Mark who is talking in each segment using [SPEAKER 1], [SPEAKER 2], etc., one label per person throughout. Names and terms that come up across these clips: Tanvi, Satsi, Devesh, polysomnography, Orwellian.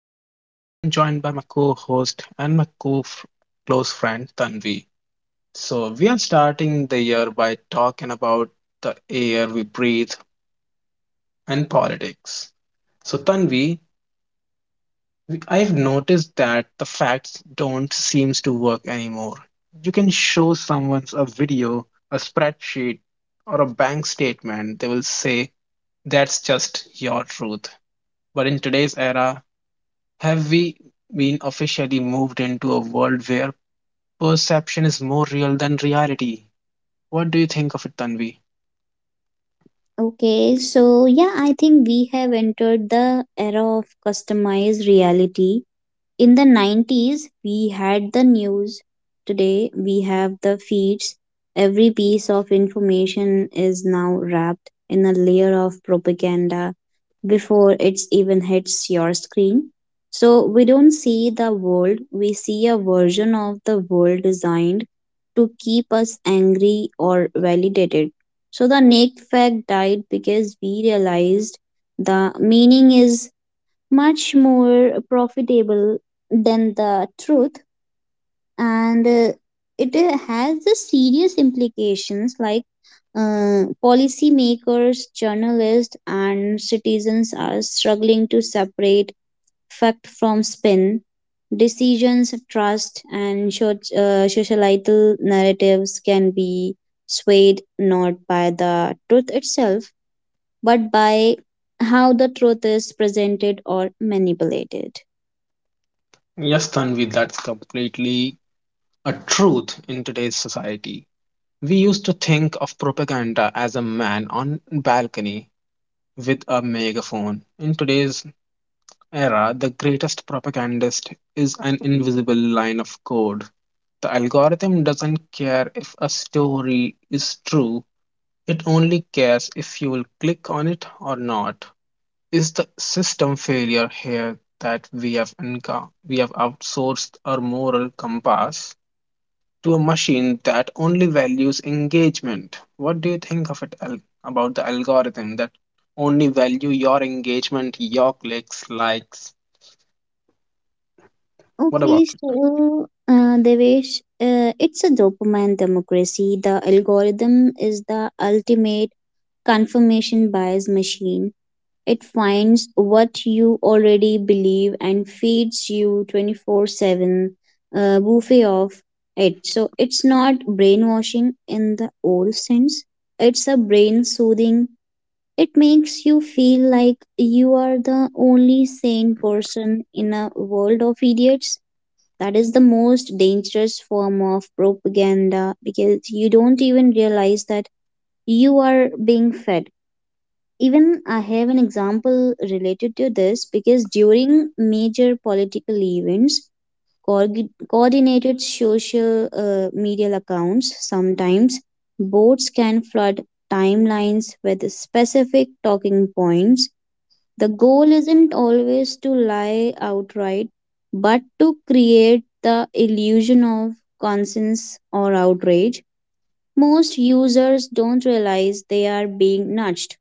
[SPEAKER 1] Devesh. I'm joined by my co-host and my co-close friend Tanvi. So we are starting the year by talking about the air we breathe and politics. So Tanvi, I've noticed that the facts don't seems to work anymore. You can show someone a video, a spreadsheet, or a bank statement. They will say that's just your truth. But in today's era, have we been officially moved into a world where perception is more real than reality? What do you think of it, Tanvi?
[SPEAKER 2] Okay, so yeah, I think we have entered the era of customized reality. In the 90s we had the news, today we have the feeds. Every piece of information is now wrapped in a layer of propaganda before it even hits your screen. So we don't see the world, we see a version of the world designed to keep us angry or validated. So the naked fact died because we realized the meaning is much more profitable than the truth. And it has the serious implications, like policymakers, journalists and citizens are struggling to separate fact from spin. Decisions, trust and societal narratives can be swayed not by the truth itself, but by how the truth is presented or manipulated.
[SPEAKER 1] Yes, Tanvi, that's completely a truth in today's society. We used to think of propaganda as a man on balcony with a megaphone. In today's era, the greatest propagandist is an invisible line of code. The algorithm doesn't care if a story is true. It only cares if you'll click on it or not. Is the system failure here that we have we have outsourced our moral compass to a machine that only values engagement? What do you think of it about the algorithm that only value your engagement, your clicks, likes? What about
[SPEAKER 2] Okay,
[SPEAKER 1] it?
[SPEAKER 2] so Devesh, it's a dopamine democracy. The algorithm is the ultimate confirmation bias machine. It finds what you already believe and feeds you 24/7 buffet of it. So it's not brainwashing in the old sense, it's a brain soothing. It makes you feel like you are the only sane person in a world of idiots. That is the most dangerous form of propaganda, because you don't even realize that you are being fed. Even I have an example related to this, because during major political events, coordinated social media accounts, sometimes boards, can flood timelines with specific talking points. The goal isn't always to lie outright, but to create the illusion of conscience or outrage. Most users don't realize they are being nudged.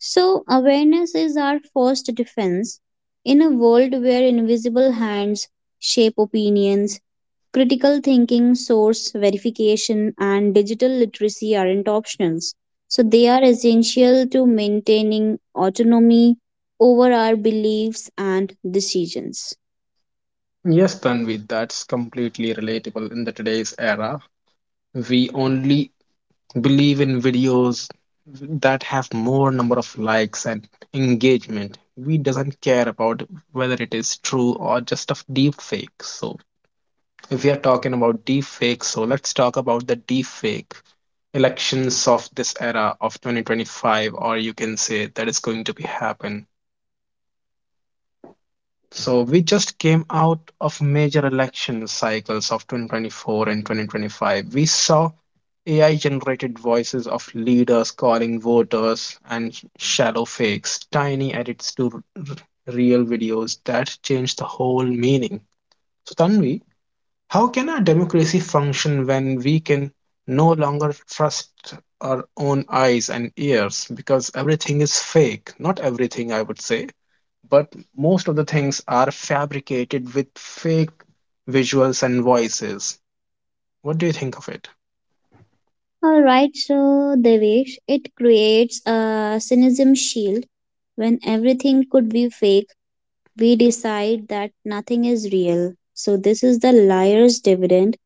[SPEAKER 2] So, awareness is our first defense. In a world where invisible hands shape opinions, critical thinking, source verification, and digital literacy aren't options. So they are essential to maintaining autonomy over our beliefs and decisions.
[SPEAKER 1] Yes, Tanvi, that's completely relatable in the today's era. We only believe in videos that have more number of likes and engagement. We doesn't care about whether it is true or just of deep fake. So if we are talking about deep fake, so let's talk about the deep fake elections of this era of 2025, or you can say that is going to be happen. So we just came out of major election cycles of 2024 and 2025. We saw AI generated voices of leaders calling voters and shallow fakes, tiny edits to real videos that changed the whole meaning. So Tanvi, how can a democracy function when we can no longer trust our own eyes and ears because everything is fake? Not everything, I would say, but most of the things are fabricated with fake visuals and voices. What do you think of it?
[SPEAKER 2] All right, so Devesh, it creates a cynicism shield. When everything could be fake, we decide that nothing is real. So this is the liar's dividend.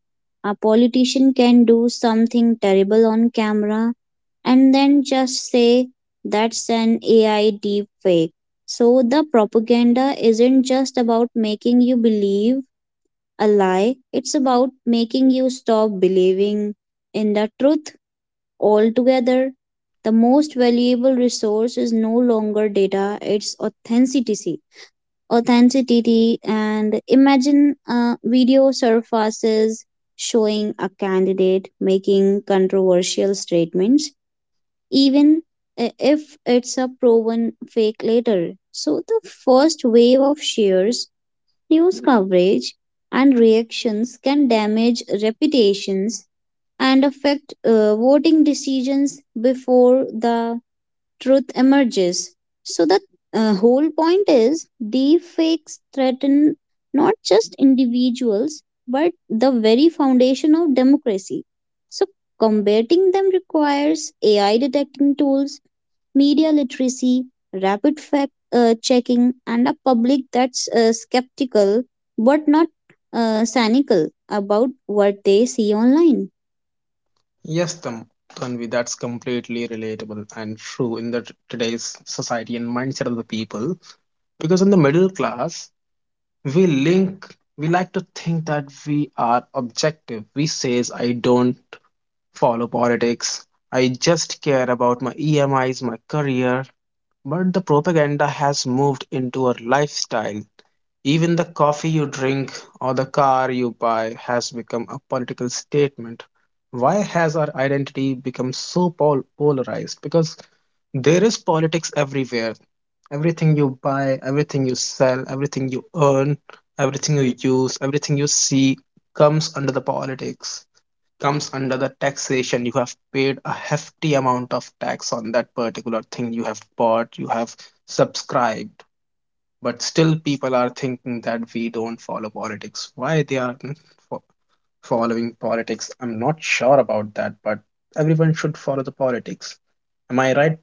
[SPEAKER 2] A politician can do something terrible on camera and then just say that's an AI deep fake. So the propaganda isn't just about making you believe a lie, it's about making you stop believing in the truth altogether. The most valuable resource is no longer data, it's authenticity. And imagine a video surfaces showing a candidate making controversial statements, even if it's a proven fake later. So the first wave of shares, news coverage and reactions can damage reputations and affect voting decisions before the truth emerges. So the whole point is deepfakes threaten not just individuals but the very foundation of democracy. So combating them requires AI detecting tools, media literacy, rapid fact checking, and a public that's skeptical but not cynical about what they see online.
[SPEAKER 1] Yes, Tanvi, that's completely relatable and true in the today's society and mindset of the people. Because in the middle class, we like to think that we are objective. We says I don't follow politics. I just care about my EMIs, my career. But the propaganda has moved into a lifestyle. Even the coffee you drink or the car you buy has become a political statement. Why has our identity become so polarized? Because there is politics everywhere. Everything you buy, everything you sell, everything you earn, everything you use, everything you see comes under the politics, comes under the taxation. You have paid a hefty amount of tax on that particular thing you have bought, you have subscribed. But still, people are thinking that we don't follow politics. Why they are fo- following politics? I'm not sure about that, but everyone should follow the politics. Am I right,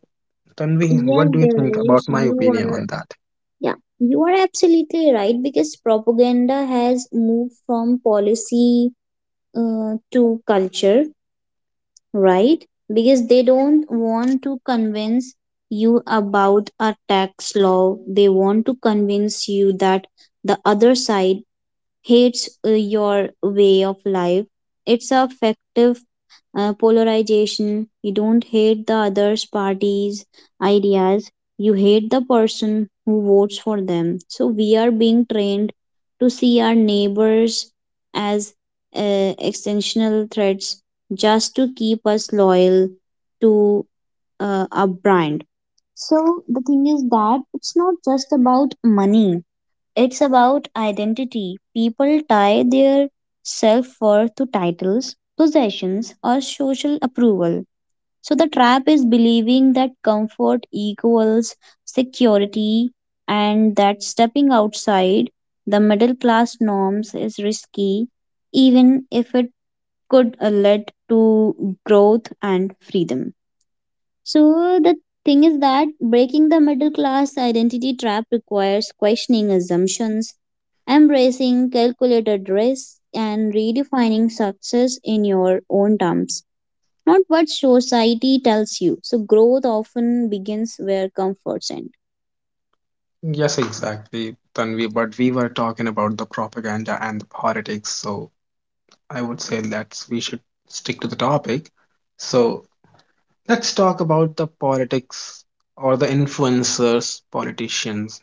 [SPEAKER 1] Tanvi?
[SPEAKER 2] Yes,
[SPEAKER 1] What do you think
[SPEAKER 2] Devesh,
[SPEAKER 1] about my
[SPEAKER 2] you
[SPEAKER 1] opinion on
[SPEAKER 2] are.
[SPEAKER 1] that?
[SPEAKER 2] Yeah, you are absolutely right, because propaganda has moved from policy to culture, right? Because they don't want to convince you about a tax law, they want to convince you that the other side hates your way of life. It's a effective polarization. You don't hate the other's party's ideas. You hate the person who votes for them. So we are being trained to see our neighbors as extensional threats, just to keep us loyal to our brand. So the thing is that it's not just about money, it's about identity. People tie their self worth to titles, possessions, or social approval. So the trap is believing that comfort equals security, and that stepping outside the middle class norms is risky, even if it could lead to growth and freedom. So the thing is that breaking the middle class identity trap requires questioning assumptions, embracing calculated risks, and redefining success in your own terms, not what society tells you. So growth often begins where comforts end.
[SPEAKER 1] Yes, exactly, Tanvi. But we were talking about the propaganda and the politics, so I would say that we should stick to the topic. So let's talk about the politics or the influencers, politicians.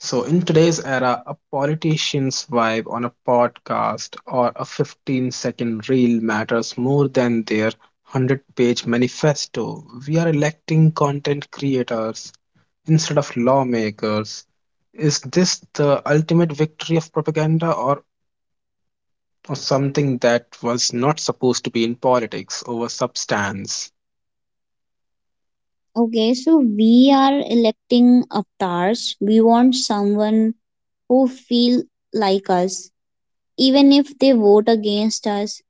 [SPEAKER 1] So in today's era, a politician's vibe on a podcast or a 15-second reel matters more than their 100-page manifesto. We are electing content creators instead of lawmakers. Is this the ultimate victory of propaganda, or something that was not supposed to be in politics over substance?
[SPEAKER 2] Okay, so we are electing avatars. We want someone who feel like us, even if they vote against us.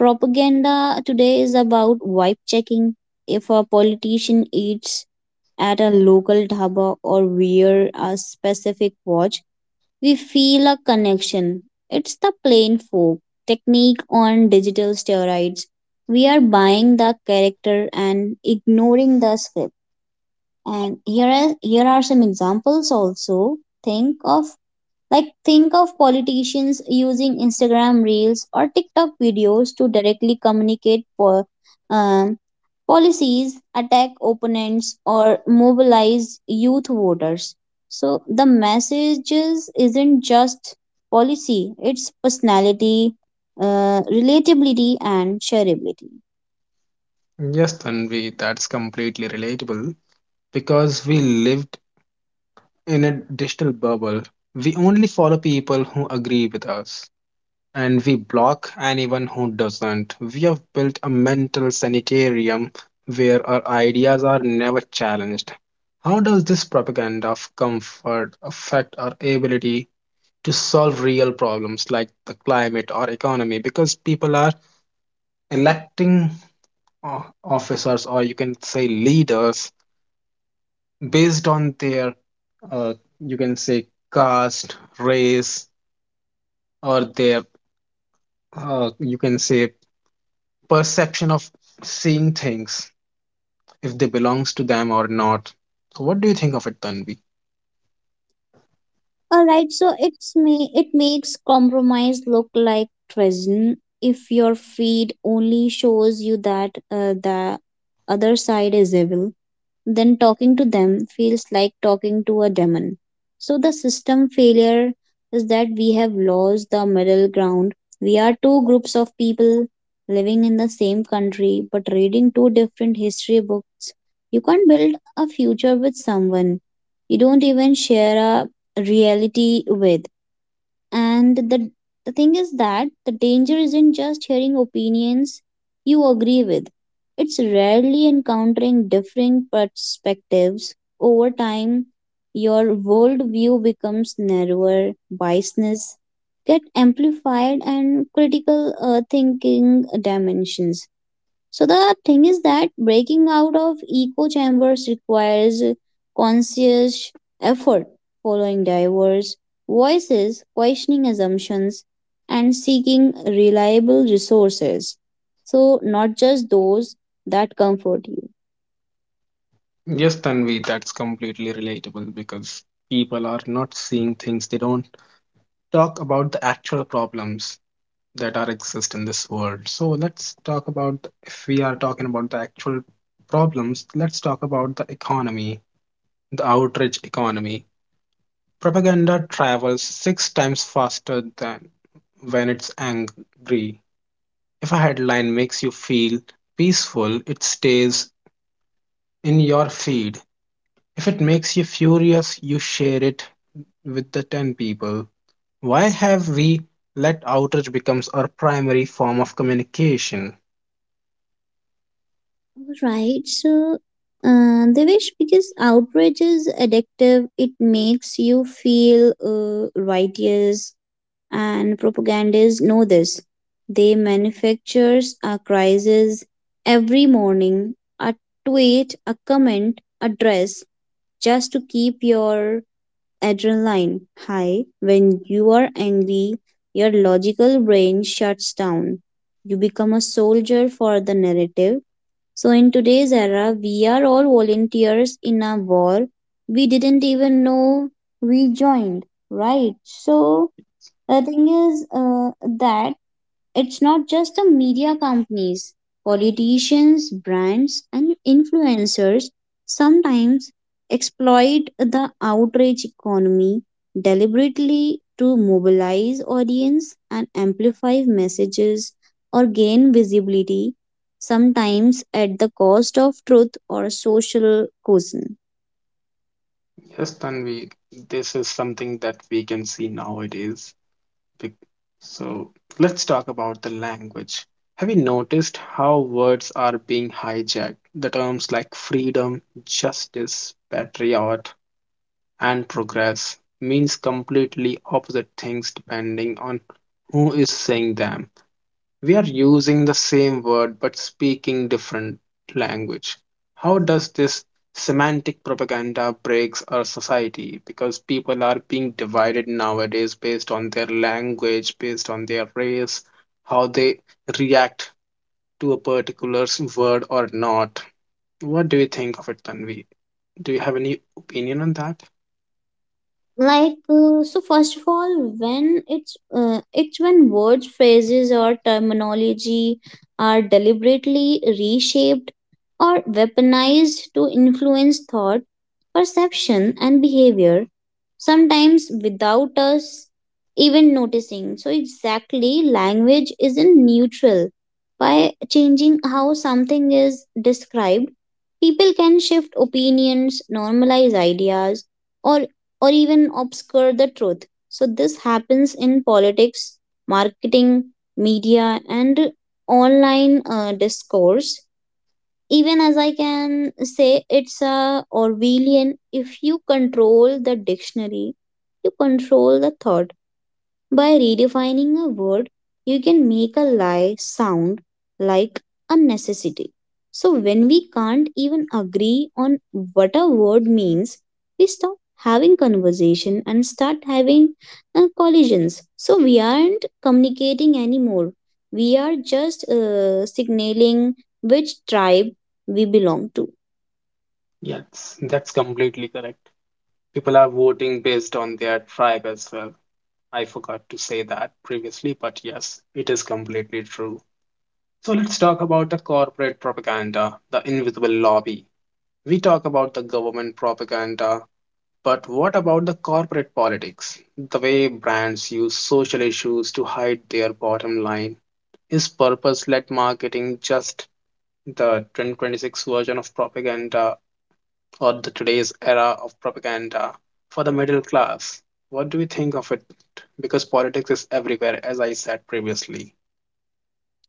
[SPEAKER 2] Propaganda today is about vibe checking. If a politician eats at a local dhaba or wear a specific watch, we feel a connection. It's the plain folk technique on digital steroids. We are buying the character and ignoring the script. And here are some examples also. Think of think of politicians using Instagram reels or TikTok videos to directly communicate for um, policies, attack opponents, or mobilize youth voters. So, the messages isn't just policy, it's personality, relatability, and shareability.
[SPEAKER 1] Yes, Tanvi, that's completely relatable because we lived in a digital bubble. We only follow people who agree with us, and we block anyone who doesn't. We have built a mental sanitarium where our ideas are never challenged. How does this propaganda of comfort affect our ability to solve real problems like the climate or economy? Because people are electing officers, or you can say leaders, based on their, uh, you can say, caste, race, or their, you can say, perception of seeing things, if they belongs to them or not. So what do you think of it, Tanvi?
[SPEAKER 2] All right, so it's me. It makes compromise look like treason. If your feed only shows you that the other side is evil, then talking to them feels like talking to a demon. So the system failure is that we have lost the middle ground. We are two groups of people living in the same country but reading two different history books. You can't build a future with someone you don't even share a reality with. And the thing is that the danger isn't just hearing opinions you agree with, it's rarely encountering differing perspectives. Over time your worldview becomes narrower, biasness get amplified and critical thinking dimensions. So the thing is that breaking out of echo chambers requires conscious effort, following diverse voices, questioning assumptions, and seeking reliable resources. So not just those that comfort you.
[SPEAKER 1] Yes, Tanvi, that's completely relatable because people are not seeing things. They don't talk about the actual problems that are exist in this world. So let's talk about, if we are talking about the actual problems, let's talk about the economy, the outrage economy. Propaganda travels 6 times faster than when it's angry. If a headline makes you feel peaceful, it stays in your feed. If it makes you furious, you share it with the 10 people. Why have we let outrage becomes our primary form of communication?
[SPEAKER 2] Right. So Devish, because outrage is addictive, it makes you feel righteous, and propagandists know this. They manufactures a crisis every morning, a tweet, a comment, a dress, just to keep your adrenaline high. When you are angry, your logical brain shuts down. You become a soldier for the narrative. So, in today's era, we are all volunteers in a war we didn't even know we joined, right? So, the thing is that it's not just the media companies, politicians, brands, and influencers sometimes exploit the outrage economy deliberately to mobilize audience and amplify messages or gain visibility, sometimes at the cost of truth or social cohesion.
[SPEAKER 1] Yes, Tanvi, this is something that we can see nowadays. Bec- So let's talk about the language. Have you noticed how words are being hijacked? The terms like freedom, justice, patriot, and progress means completely opposite things depending on who is saying them. We are using the same word but speaking different language. How does this semantic propaganda breaks our society? Because people are being divided nowadays based on their language, based on their race, how they react to a particular word or not. What do you think of it, Tanvi? Do you have any opinion on that?
[SPEAKER 2] So first of all, when it's when words, phrases or terminology are deliberately reshaped or weaponized to influence thought, perception and behavior, sometimes without us even noticing. So, exactly, language isn't neutral. By changing how something is described, people can shift opinions, normalize ideas, or, or even obscure the truth. So, this happens in politics, marketing, media, and online discourse. Even as I can say, it's a Orwellian, if you control the dictionary, you control the thought. By redefining a word, you can make a lie sound like a necessity. So, when we can't even agree on what a word means, we stop having conversation and start having collisions. So, we aren't communicating anymore. We are just signaling which tribe we belong to.
[SPEAKER 1] Yes, that's completely correct. People are voting based on their tribe as well. I forgot to say that previously, but yes, it is completely true. So let's talk about the corporate propaganda, the invisible lobby. We talk about the government propaganda, but what about the corporate politics? The way brands use social issues to hide their bottom line. Is purpose led marketing just the 2026 version of propaganda, or the today's era of propaganda for the middle class. What do we think of it? Because politics is everywhere, as I said previously.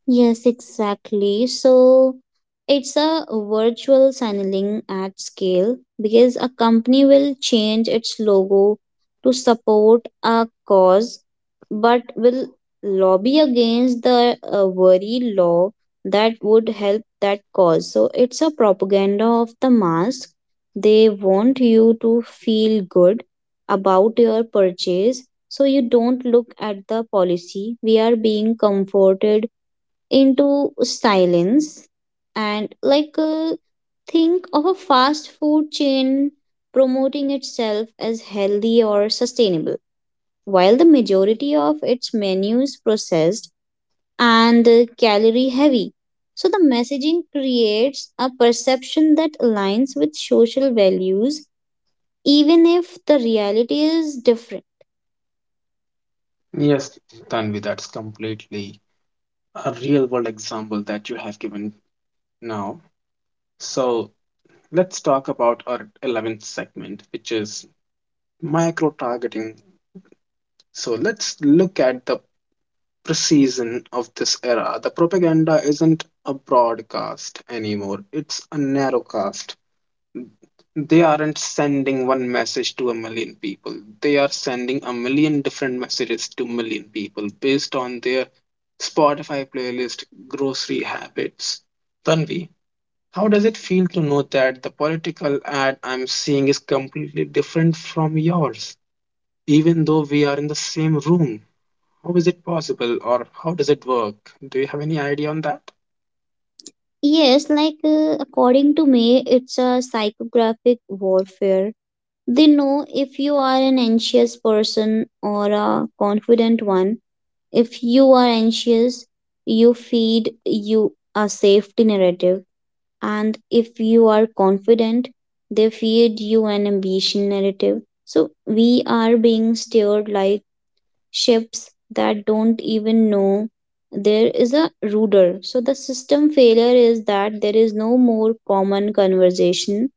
[SPEAKER 2] Yes, exactly. So it's a virtual signaling at scale, because a company will change its logo to support a cause, but will lobby against the very law that would help that cause. So it's a propaganda of the mask. They want you to feel good about your purchase, so you don't look at the policy. We are being comforted into silence. And think of a fast food chain promoting itself as healthy or sustainable while the majority of its menu is processed and calorie heavy. So the messaging creates a perception that aligns with social values even if the reality is different.
[SPEAKER 1] Yes, Tanvi, that's completely a real world example that you have given now. So let's talk about our 11th segment, which is micro targeting. So let's look at the precision of this era. The propaganda isn't a broadcast anymore, it's a narrowcast. They aren't sending one message to a million people, they are sending a million different messages to million people based on their Spotify playlist, grocery habits. Tanvi, how does it feel to know that the political ad I'm seeing is completely different from yours even though we are in the same room? How is it possible, or how does it work? Do you have any idea on that?
[SPEAKER 2] Yes, according to me, it's a psychographic warfare. They know if you are an anxious person or a confident one. If you are anxious, you feed you a safety narrative. And if you are confident, they feed you an ambition narrative. So we are being steered like ships that don't even know there is a rudder. So the system failure is that there is no more common conversation.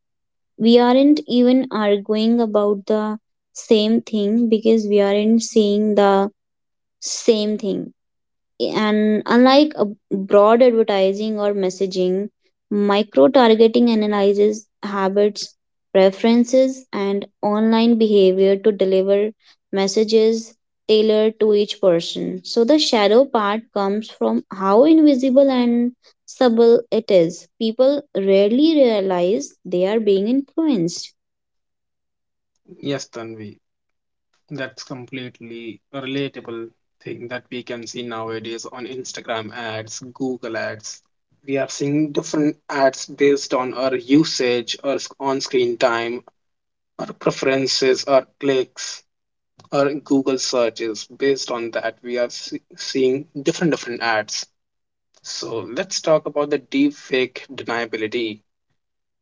[SPEAKER 2] We aren't even arguing about the same thing, because we aren't seeing the same thing. And unlike a broad advertising or messaging, micro targeting analyzes habits, preferences, and online behavior to deliver messages tailored to each person. So the shadow part comes from how invisible and subtle it is. People rarely realize they are being influenced.
[SPEAKER 1] Yes, Tanvi, that's completely a relatable thing that we can see nowadays on Instagram ads, Google ads. We are seeing different ads based on our usage, our on screen time, our preferences, our clicks, our Google searches. Based on that, we are seeing different different ads. So let's talk about the deepfake deniability.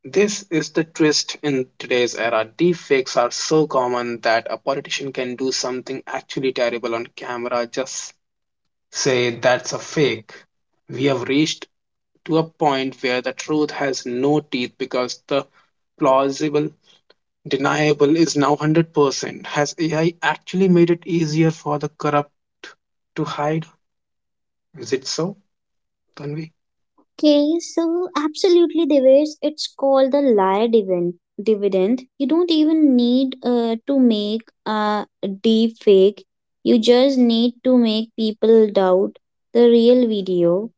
[SPEAKER 1] This is the twist in today's era. Deepfakes are so common that a politician can do something actually terrible on camera, just say that's a fake. We have reached to a point where the truth has no teeth because the plausible deniable is now 100%. Has AI actually made it easier for the corrupt to hide? Is it so, Tanvi?
[SPEAKER 2] Okay, so absolutely, Devesh, it's called the liar dividend. You don't even need to make a deep fake. You just need to make people doubt the real video,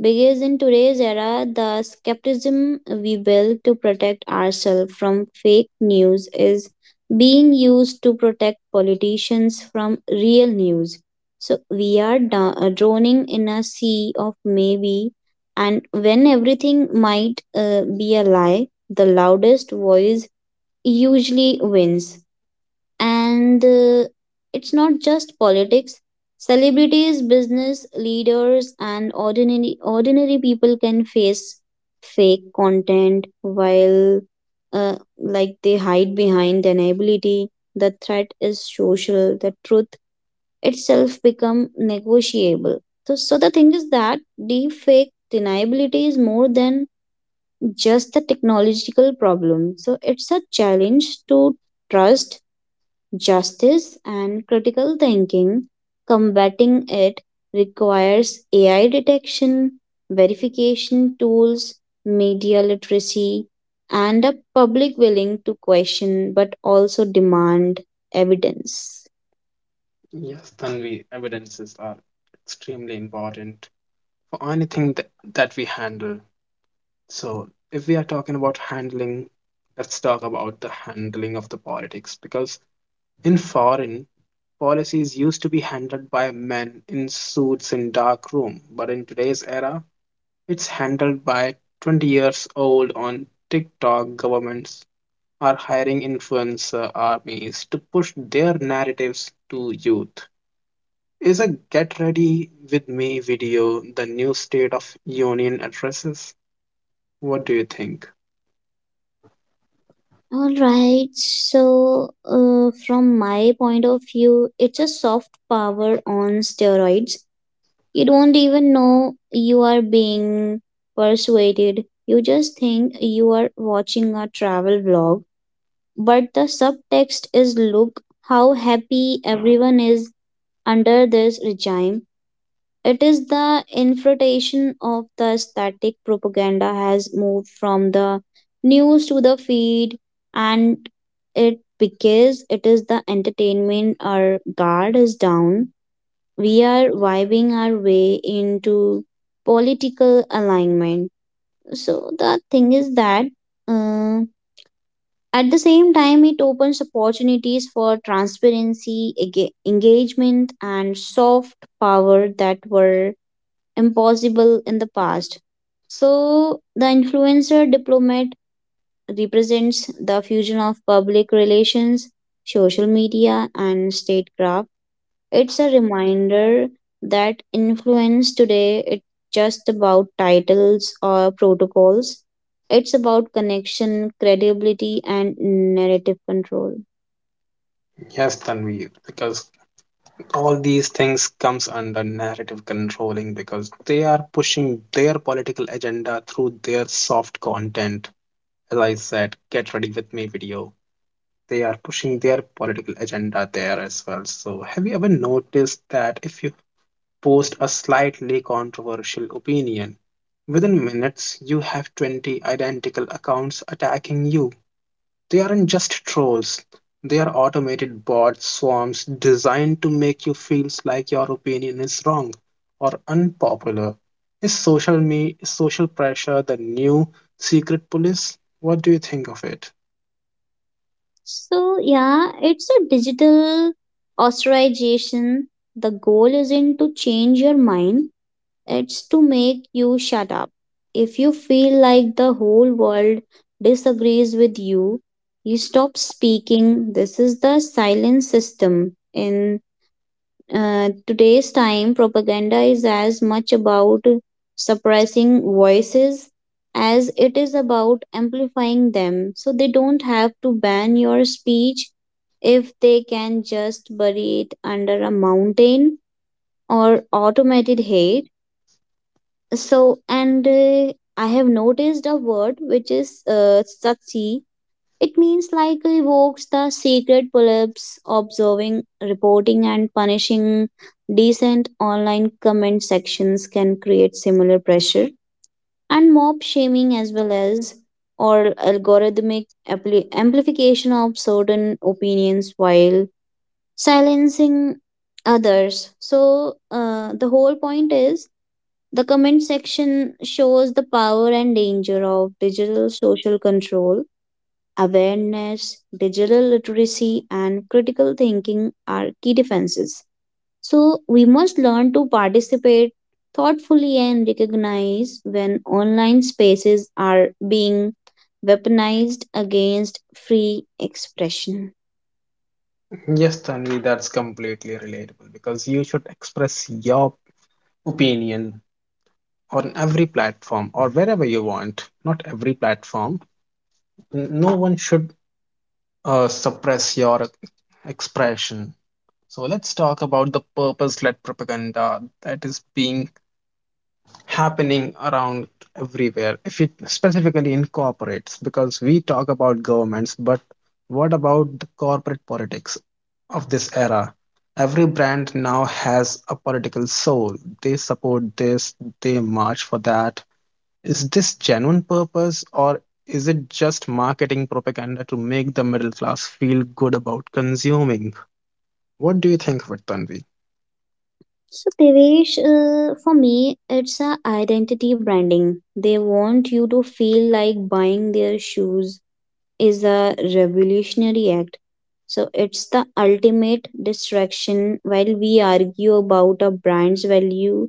[SPEAKER 2] because in today's era, the skepticism we build to protect ourselves from fake news is being used to protect politicians from real news. So we are droning in a sea of maybe, and when everything might be a lie, the loudest voice usually wins. And it's not just politics, celebrities, business leaders and ordinary people can face fake content while they hide behind deniability. The threat is social, the truth itself become negotiable. So the thing is that deep fake deniability is more than just a technological problem. So it's a challenge to trust, justice and critical thinking. Combating it requires AI detection, verification tools, media literacy, and a public willing to question but also demand evidence.
[SPEAKER 1] Yes, Tanvi, evidences are extremely important for anything that we handle. So, if we are talking about handling, let's talk about the handling of the politics, because in foreign policies used to be handled by men in suits in dark room, but in today's era, it's handled by 20 years old on TikTok. Governments are hiring influencer armies to push their narratives to youth. Is a get ready with me video the new state of union addresses? What do you think?
[SPEAKER 2] All right, so from my point of view, it's a soft power on steroids. You don't even know you are being persuaded. You just think you are watching a travel vlog. But the subtext is look how happy everyone is under this regime. It is the infiltration of the static propaganda has moved from the news to the feed, and it because it is the entertainment our guard is down, we are vibing our way into political alignment. So the thing is that uh, at the same time, it opens opportunities for transparency, engagement, and soft power that were impossible in the past. So the influencer diplomat represents the fusion of public relations, social media, and statecraft. It's a reminder that influence today it's just about titles or protocols. It's about connection, credibility, and narrative control.
[SPEAKER 1] Yes, Tanvi, because all these things comes under narrative controlling because they are pushing their political agenda through their soft content. As I said, get ready with me video. They are pushing their political agenda there as well. So have you ever noticed that if you post a slightly controversial opinion, within minutes you have 20 identical accounts attacking you? They aren't just trolls, they are automated bot swarms designed to make you feel like your opinion is wrong or unpopular. Is social pressure the new secret police? What do you think of it?
[SPEAKER 2] So yeah, it's a digital ostracization. The goal isn't to change your mind; it's to make you shut up. If you feel like the whole world disagrees with you, you stop speaking. This is the silent system in today's time, propaganda is as much about suppressing voices as it is about amplifying them. So they don't have to ban your speech if they can just bury it under a mountain or automated hate. So, and I have noticed a word which is Satsi. It means like evokes the secret polyps, observing, reporting, and punishing. Decent online comment sections can create similar pressure and mob shaming as well as or algorithmic amplification of certain opinions while silencing others. So the whole point is the comment section shows the power and danger of digital social control. Awareness, digital literacy, and critical thinking are key defenses. So, we must learn to participate thoughtfully and recognize when online spaces are being weaponized against free expression.
[SPEAKER 1] Yes, Tanvi, that's completely relatable because you should express your opinion on every platform or wherever you want. Not every platform. No one should suppress your expression. So let's talk about the purpose-led propaganda that is being happening around everywhere, if it specifically incorporates, because we talk about governments, but what about the corporate politics of this era? Every brand now has a political soul. They support this, they march for that. Is this genuine purpose or is it just marketing propaganda to make the middle class feel good about consuming? What do you think of it, Tanvi?
[SPEAKER 2] So, Devesh, for me, it's a identity branding. They want you to feel like buying their shoes is a revolutionary act. So it's the ultimate distraction while we argue about a brand's value.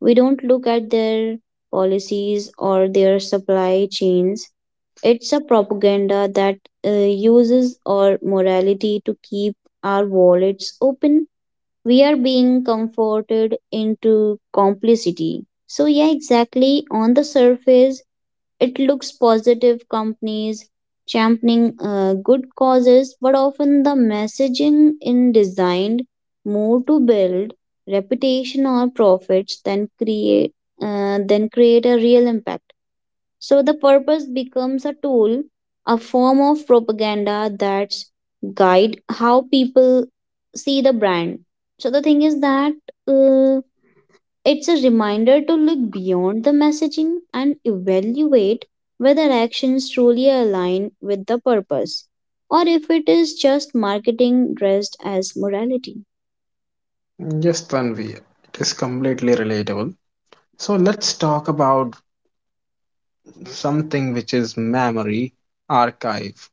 [SPEAKER 2] We don't look at their policies or their supply chains. It's a propaganda that uses our morality to keep our wallets open. We are being comforted into complicity. So, yeah, exactly. On the surface, it looks positive companies championing good causes, but often the messaging in designed more to build reputation or profits than create than create a real impact. So the purpose becomes a tool, a form of propaganda that's guide how people see the brand. So the thing is that. Uh, it's a reminder to look beyond the messaging and evaluate whether actions truly align with the purpose or if it is just marketing dressed as morality.
[SPEAKER 1] Yes, Tanvi, it is completely relatable. So let's talk about something which is memory archive.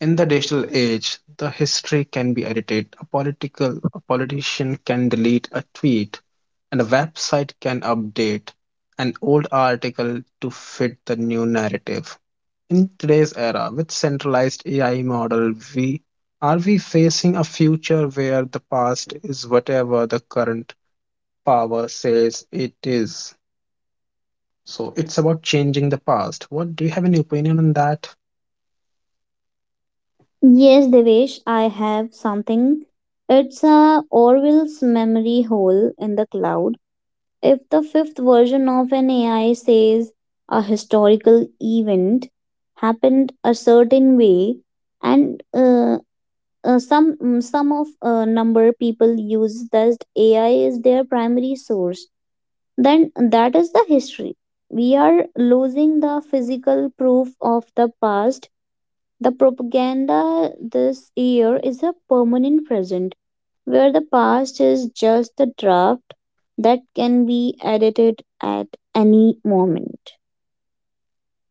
[SPEAKER 1] In the digital age, the history can be edited. A politician can delete a tweet, and a website can update an old article to fit the new narrative. In today's era, with centralized AI model, we are we facing a future where the past is whatever the current power says it is. So it's about changing the past. What do you have any opinion on that?
[SPEAKER 2] Yes, Devesh, I have something. It's a Orwell's memory hole in the cloud. If the fifth version of an AI says a historical event happened a certain way and some some of number people use that ai is their primary source, then that is the history. We are losing the physical proof of the past. The propaganda this year is a permanent present where the past is just the draft that can be edited at any moment.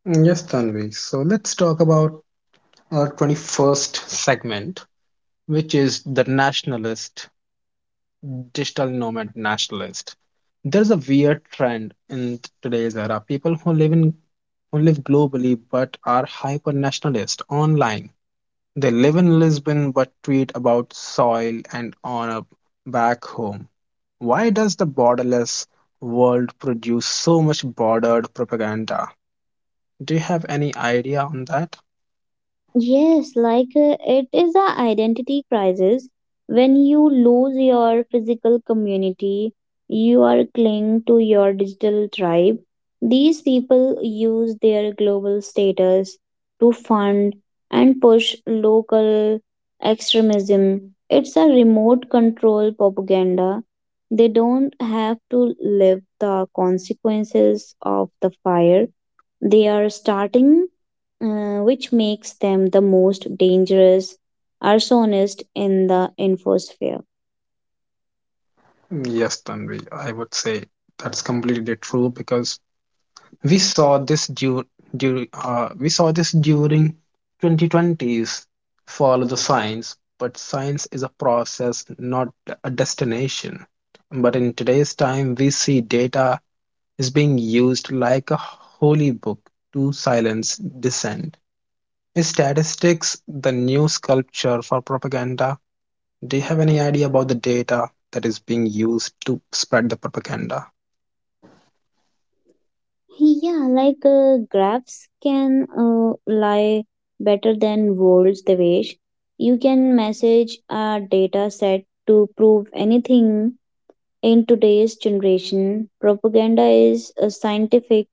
[SPEAKER 1] Mm, yes, Tanvi. So let's talk about our 21st segment, which is the nationalist digital nomad nationalist. There's a weird trend in today's era. People who live in who live globally but are hyper nationalist online. They live in Lisbon but tweet about soil and honor back home. Why does the borderless world produce so much bordered propaganda? Do you have any idea on that?
[SPEAKER 2] Yes, like it is a identity crisis. When you lose your physical community, you are cling to your digital tribe. These people use their global status to fund and push local extremism. It's a remote control propaganda. They don't have to live the consequences of the fire they are starting, which makes them the most dangerous arsonist in the infosphere.
[SPEAKER 1] Yes, Tanvi, I would say that's completely true because we saw this we saw this during 2020s. Follow the science, but science is a process, not a destination. But in today's time, we see data is being used like a holy book to silence dissent. Is statistics the new sculpture for propaganda? Do you have any idea about the data that is being used to spread the propaganda?
[SPEAKER 2] Yeah, like graphs can lie better than words, Devesh. You can message a data set to prove anything in today's generation. Propaganda is scientific.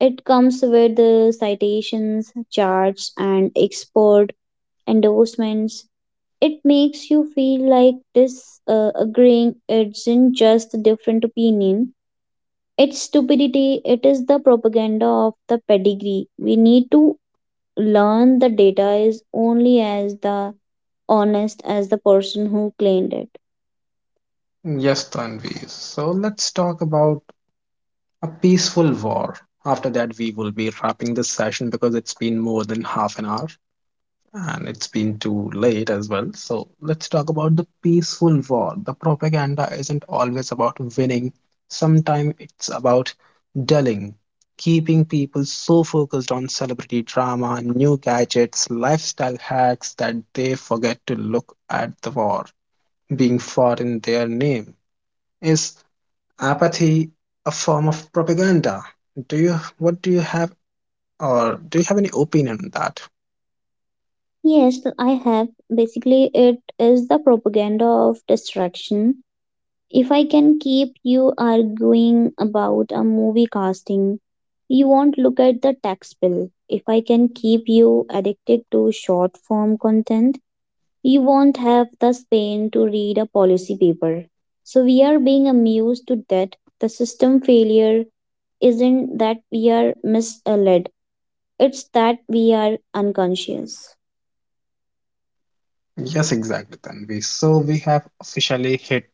[SPEAKER 2] It comes with the citations, charts, and expert endorsements. It makes you feel like this agreeing isn't just a different opinion. It's stupidity. It is the propaganda of the pedigree. We need to learn the data is only as the honest as the person who claimed it.
[SPEAKER 1] Yes, Tanvi. So let's talk about a peaceful war. After that, we will be wrapping this session because it's been more than half an hour and it's been too late as well. So, let's talk about the peaceful war. The propaganda isn't always about winning, sometimes it's about dulling, keeping people so focused on celebrity drama, new gadgets, lifestyle hacks that they forget to look at the war being fought in their name. Is apathy a form of propaganda? Do you what do you have or do you have any opinion on that?
[SPEAKER 2] Yes, I have. Basically, it is the propaganda of distraction. If I can keep you arguing about a movie casting, you won't look at the tax bill. If I can keep you addicted to short form content, you won't have the span to read a policy paper. So we are being amused to that the system failure isn't that we are misled, it's that we are unconscious.
[SPEAKER 1] Yes, exactly, Tanvi. So we have officially hit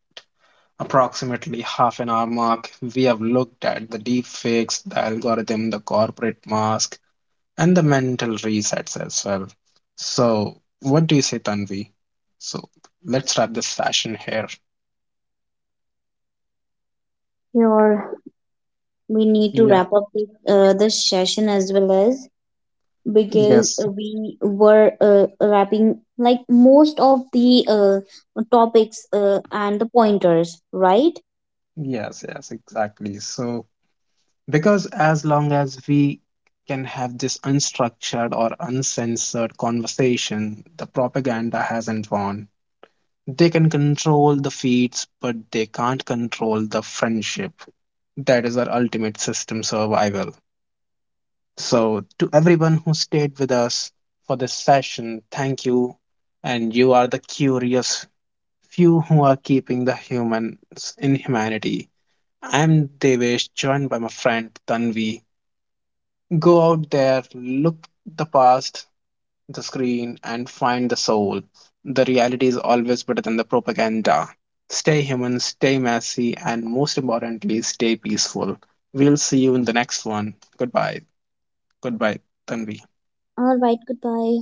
[SPEAKER 1] approximately half an hour mark. We have looked at the deepfakes, the algorithm, the corporate mask, and the mental resets as well. So what do you say, Tanvi? So let's wrap this session here.
[SPEAKER 2] Your we need to
[SPEAKER 1] Yeah.
[SPEAKER 2] wrap up this, this session as well as because
[SPEAKER 1] Yes.
[SPEAKER 2] we were wrapping like most of the topics and the pointers, right?
[SPEAKER 1] Yes, yes, exactly. So because as long as we can have this unstructured or uncensored conversation, the propaganda hasn't won. They can control the feeds, but they can't control the friendship. That is our ultimate system survival. So, to everyone who stayed with us for this session, thank you. And you are the curious few who are keeping the humans in humanity. I'm Devesh, joined by my friend Tanvi. Go out there, look the past, the screen, and find the soul. The reality is always better than the propaganda. Stay human, stay messy, and most importantly, stay peaceful. We'll see you in the next one. Goodbye. Goodbye, Tanvi.
[SPEAKER 2] All right, goodbye.